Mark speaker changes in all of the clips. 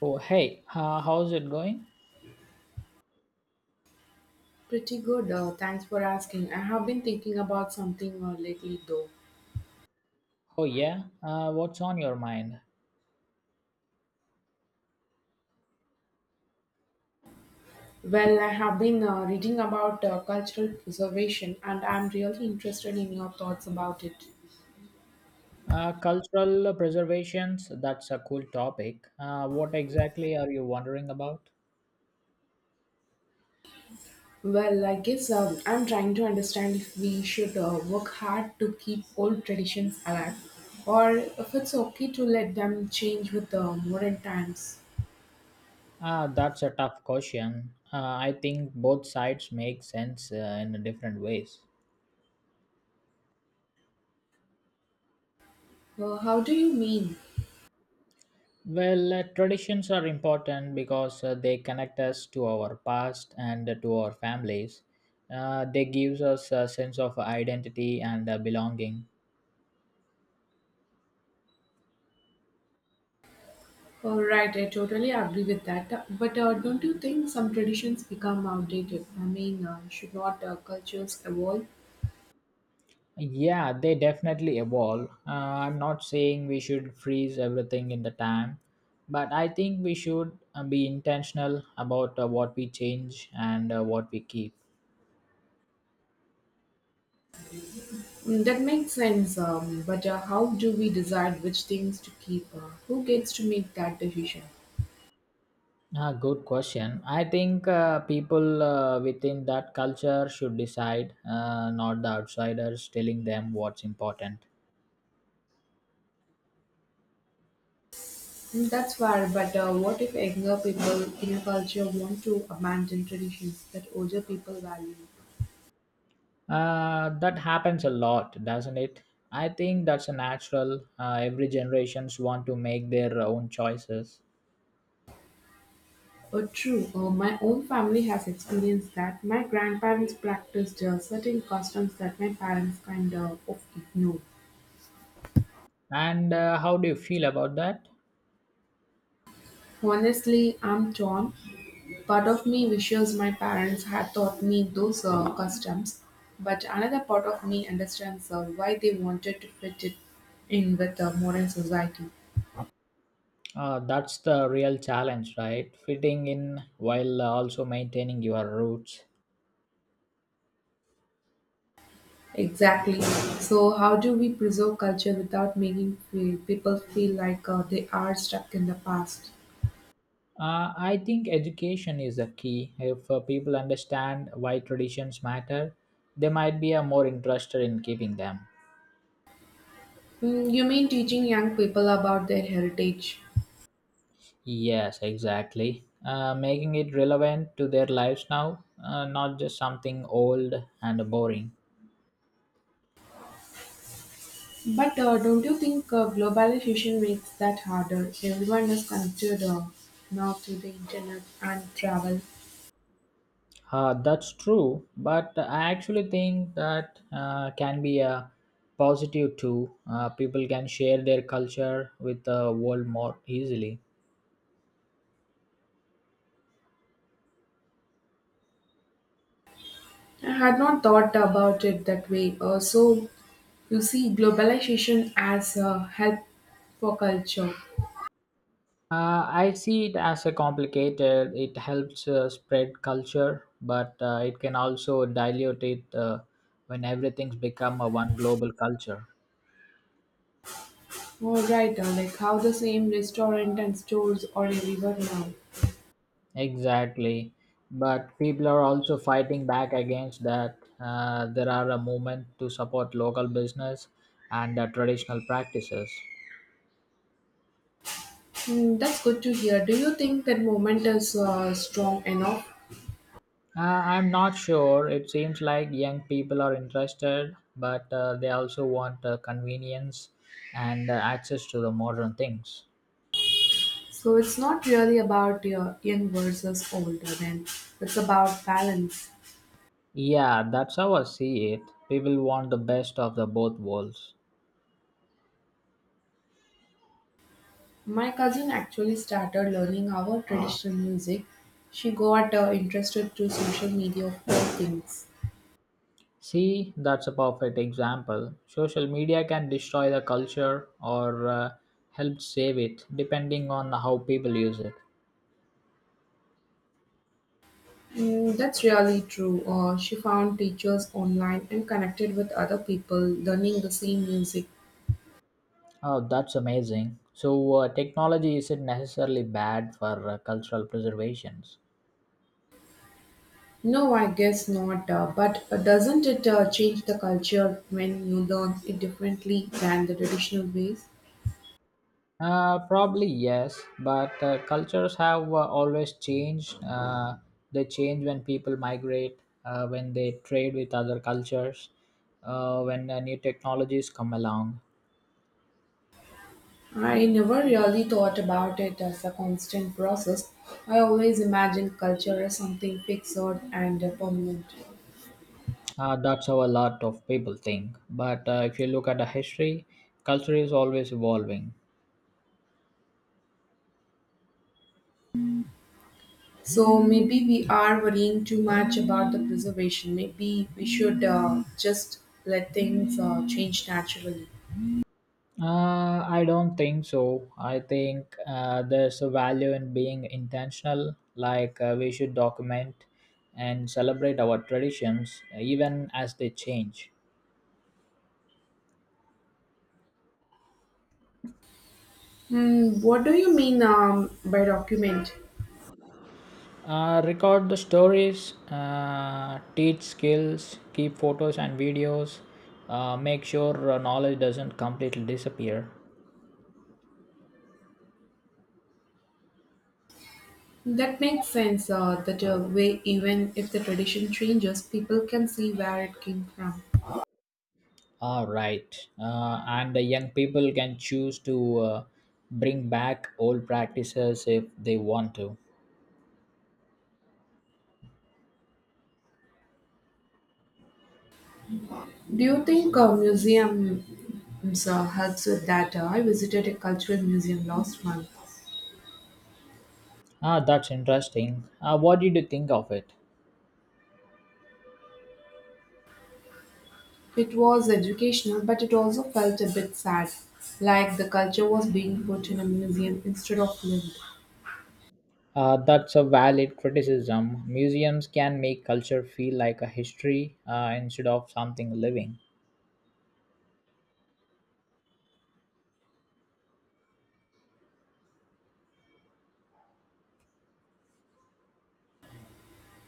Speaker 1: Oh, hey, how's it going?
Speaker 2: Pretty good, thanks for asking. I have been thinking about something lately though.
Speaker 1: Oh, yeah, what's on your mind?
Speaker 2: Well, I have been reading about cultural preservation, and I'm really interested in your thoughts about it.
Speaker 1: Cultural preservations, that's a cool topic. What exactly are you wondering about?
Speaker 2: Well, I guess I'm trying to understand if we should work hard to keep old traditions alive, or if it's okay to let them change with the modern times.
Speaker 1: Ah, that's a tough question. I think both sides make sense in different ways.
Speaker 2: How do you mean?
Speaker 1: Well, traditions are important because they connect us to our past and to our families. They gives us a sense of identity and belonging.
Speaker 2: Oh, right, I totally agree with that. But don't you think some traditions become outdated? I mean, should not cultures evolve?
Speaker 1: Yeah, they definitely evolve. I'm not saying we should freeze everything in the time, but I think we should be intentional about what we change and what we keep.
Speaker 2: Mm, that makes sense. But how do we decide which things to keep? Who gets to make that decision?
Speaker 1: Ah, good question. I think people within that culture should decide, not the outsiders telling them what's important.
Speaker 2: Mm, that's fair. But what if younger people in a culture want to abandon traditions that older people value?
Speaker 1: That happens a lot, doesn't it? I think that's a natural. Every generations want to make their own choices.
Speaker 2: Oh, true. My own family has experienced that. My grandparents practiced certain customs that my parents kind of ignored.
Speaker 1: And how do you feel about that?
Speaker 2: Honestly, I'm torn. Part of me wishes my parents had taught me those customs, but another part of me understands why they wanted to fit it in with the modern society.
Speaker 1: That's the real challenge, right? Fitting in while also maintaining your roots.
Speaker 2: Exactly. So, how do we preserve culture without making people feel like they are stuck in the past?
Speaker 1: I think education is the key. If people understand why traditions matter, they might be more interested in keeping them.
Speaker 2: Mm, you mean teaching young people about their heritage?
Speaker 1: Yes, exactly. Making it relevant to their lives now, not just something old and boring.
Speaker 2: But don't you think globalization makes that harder? Everyone is connected now to the internet and travel.
Speaker 1: That's true, but I actually think that can be a positive too. People can share their culture with the world more easily.
Speaker 2: I had not thought about it that way. So you see globalization as a help for culture.
Speaker 1: I see it as a complicated. It helps spread culture, but it can also dilute it when everything's become a one global culture.
Speaker 2: All right, like how the same restaurant and stores are everywhere now.
Speaker 1: Exactly. But people are also fighting back against that. There are a movement to support local business and traditional practices.
Speaker 2: Hmm, that's good to hear. Do you think that moment is strong enough?
Speaker 1: I'm not sure. It seems like young people are interested, but they also want convenience and access to the modern things.
Speaker 2: So it's not really about young versus older. Then it's about balance.
Speaker 1: Yeah, that's how I see it. People want the best of the both worlds.
Speaker 2: My cousin actually started learning our traditional music. She got interested through social media of all things.
Speaker 1: See, that's a perfect example. Social media can destroy the culture or help save it, depending on how people use it.
Speaker 2: Mm, that's really true. She found teachers online and connected with other people learning the same music.
Speaker 1: Oh, that's amazing. So, technology isn't necessarily bad for cultural preservations.
Speaker 2: No, I guess not. But doesn't it change the culture when you learn it differently than the traditional ways?
Speaker 1: Probably yes, but cultures have always changed. They change when people migrate, when they trade with other cultures, when new technologies come along.
Speaker 2: I never really thought about it as a constant process. I always imagined culture as something fixed and permanent.
Speaker 1: That's how a lot of people think. But if you look at the history, culture is always evolving.
Speaker 2: So maybe we are worrying too much about the preservation. Maybe we should just let things change naturally.
Speaker 1: I don't think so. I think there's a value in being intentional, like we should document and celebrate our traditions even as they change.
Speaker 2: Hmm, what do you mean by document?
Speaker 1: Record the stories, teach skills, keep photos and videos, make sure knowledge doesn't completely disappear.
Speaker 2: That makes sense. That way, even if the tradition changes, people can see where it came from.
Speaker 1: Ah, right. And the young people can choose to bring back old practices if they want to.
Speaker 2: Do you think a museum helps with that? I visited a cultural museum last month.
Speaker 1: Ah, that's interesting. What did you think of it?
Speaker 2: It was educational, but it also felt a bit sad, like the culture was being put in a museum instead of lived.
Speaker 1: That's a valid criticism. Museums can make culture feel like a history instead of something living.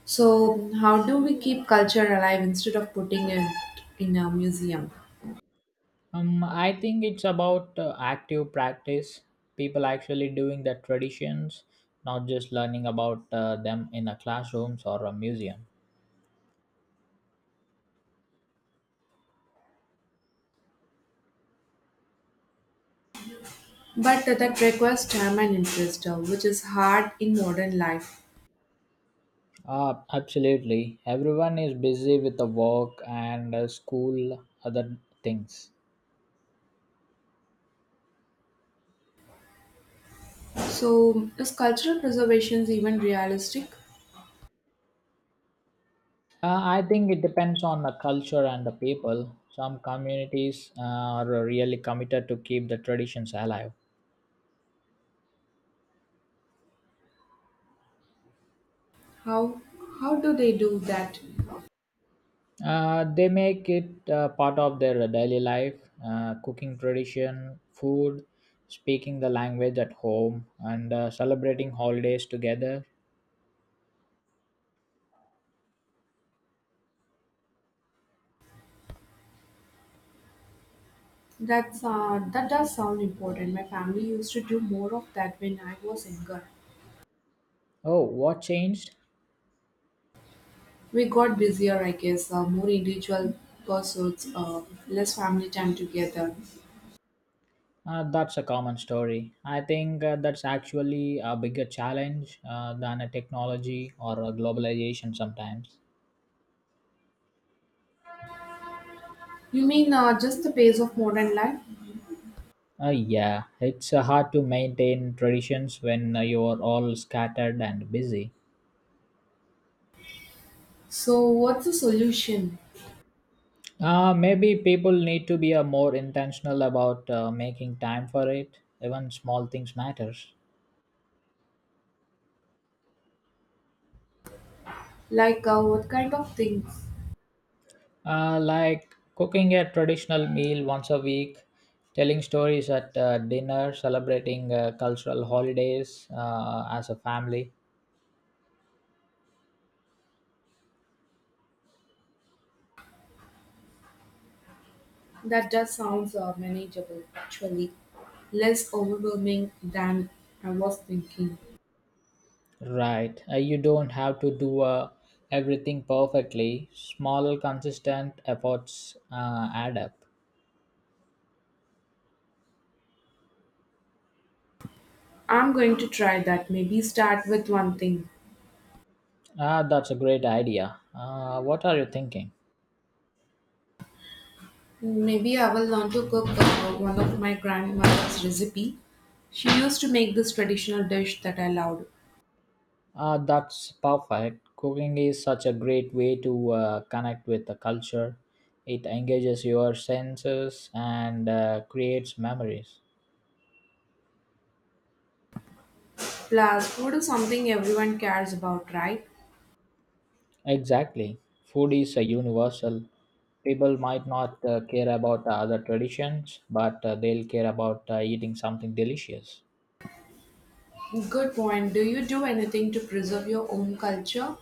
Speaker 2: So, how do we keep culture alive instead of putting it in a museum?
Speaker 1: I think it's about active practice, people actually doing the traditions, not just learning about them in a classrooms or a museum.
Speaker 2: But that requires time and interest, which is hard in modern life.
Speaker 1: Absolutely. Everyone is busy with the work and school, other things.
Speaker 2: So, is cultural preservation even realistic?
Speaker 1: I think it depends on the culture and the people. Some communities are really committed to keep the traditions alive.
Speaker 2: How how do they do that?
Speaker 1: They make it part of their daily life, cooking tradition, food, speaking the language at home, and celebrating holidays together.
Speaker 2: That's that does sound important. My family used to do more of that when I was younger.
Speaker 1: Oh, what changed?
Speaker 2: We got busier, I guess, more individual pursuits, less family time together.
Speaker 1: That's a common story. I think that's actually a bigger challenge than a technology or a globalization sometimes.
Speaker 2: You mean just the pace of modern life?
Speaker 1: Yeah, it's hard to maintain traditions when you're all scattered and busy.
Speaker 2: So, what's the solution?
Speaker 1: Maybe people need to be more intentional about making time for it. Even small things matters.
Speaker 2: Like, what kind of things?
Speaker 1: Like cooking a traditional meal once a week, telling stories at dinner, celebrating cultural holidays as a family.
Speaker 2: That just sounds manageable, actually. Less overwhelming than I was thinking.
Speaker 1: Right. You don't have to do everything perfectly. Small, consistent efforts add up.
Speaker 2: I'm going to try that. Maybe start with one thing.
Speaker 1: Ah, that's a great idea. What are you thinking?
Speaker 2: Maybe I will learn to cook one of my grandmother's recipe. She used to make this traditional dish that I loved.
Speaker 1: That's perfect. Cooking is such a great way to connect with the culture. It engages your senses and creates memories.
Speaker 2: Plus, food is something everyone cares about, right?
Speaker 1: Exactly. Food is a universal. People might not care about the other traditions, but they'll care about eating something delicious.
Speaker 2: Good point. Do you do anything to preserve your own culture?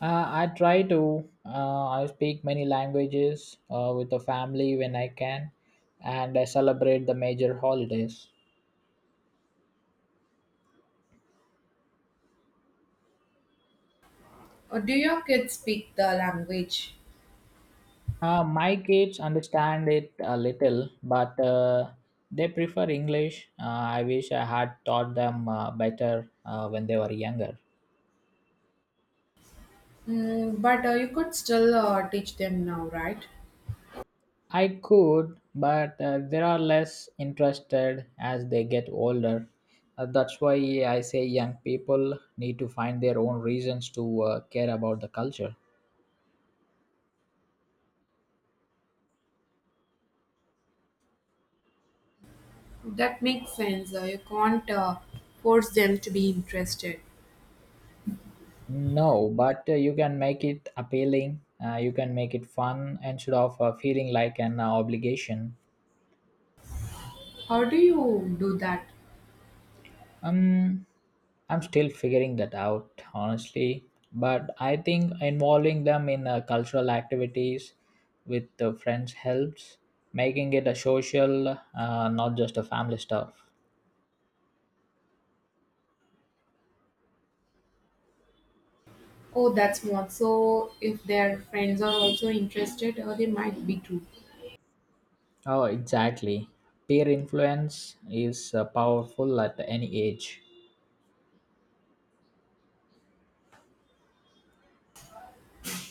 Speaker 1: I try to. I speak many languages with the family when I can, and I celebrate the major holidays.
Speaker 2: Or do your kids speak the language?
Speaker 1: My kids understand it a little, but they prefer English. I wish I had taught them better when they were younger.
Speaker 2: Mm, but you could still teach them now, right?
Speaker 1: I could, but they are less interested as they get older. That's why I say young people need to find their own reasons to care about the culture.
Speaker 2: That makes sense. You can't force them to be interested.
Speaker 1: No, but you can make it appealing. You can make it fun instead of feeling like an obligation.
Speaker 2: How do you do that?
Speaker 1: Um, I'm still figuring that out, honestly. But I think involving them in cultural activities with the friends helps, making it a social, not just a family stuff.
Speaker 2: Oh, that's smart. So, if their friends are also interested, or they might be too.
Speaker 1: Oh, exactly. Peer influence is powerful at any age.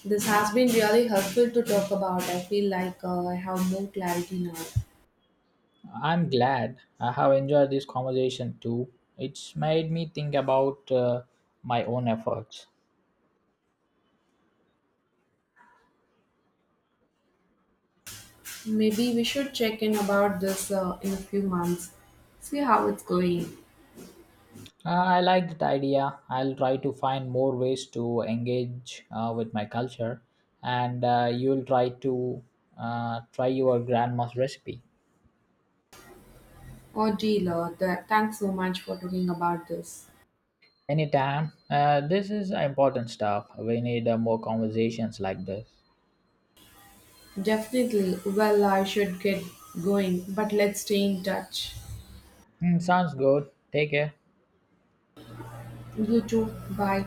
Speaker 2: This has been really helpful to talk about. I feel like I have more clarity now.
Speaker 1: I'm glad I have enjoyed this conversation too. It's made me think about my own efforts.
Speaker 2: Maybe we should check in about this in a few months, see how it's going.
Speaker 1: I like that idea. I'll try to find more ways to engage with my culture, and you'll try to try your grandma's recipe
Speaker 2: Oh, dear, thanks so much for talking about this.
Speaker 1: anytime. This is important stuff. We need more conversations like this.
Speaker 2: Definitely. Well, I should get going, but let's stay in touch.
Speaker 1: Mm, sounds good. Take care.
Speaker 2: You too. Bye.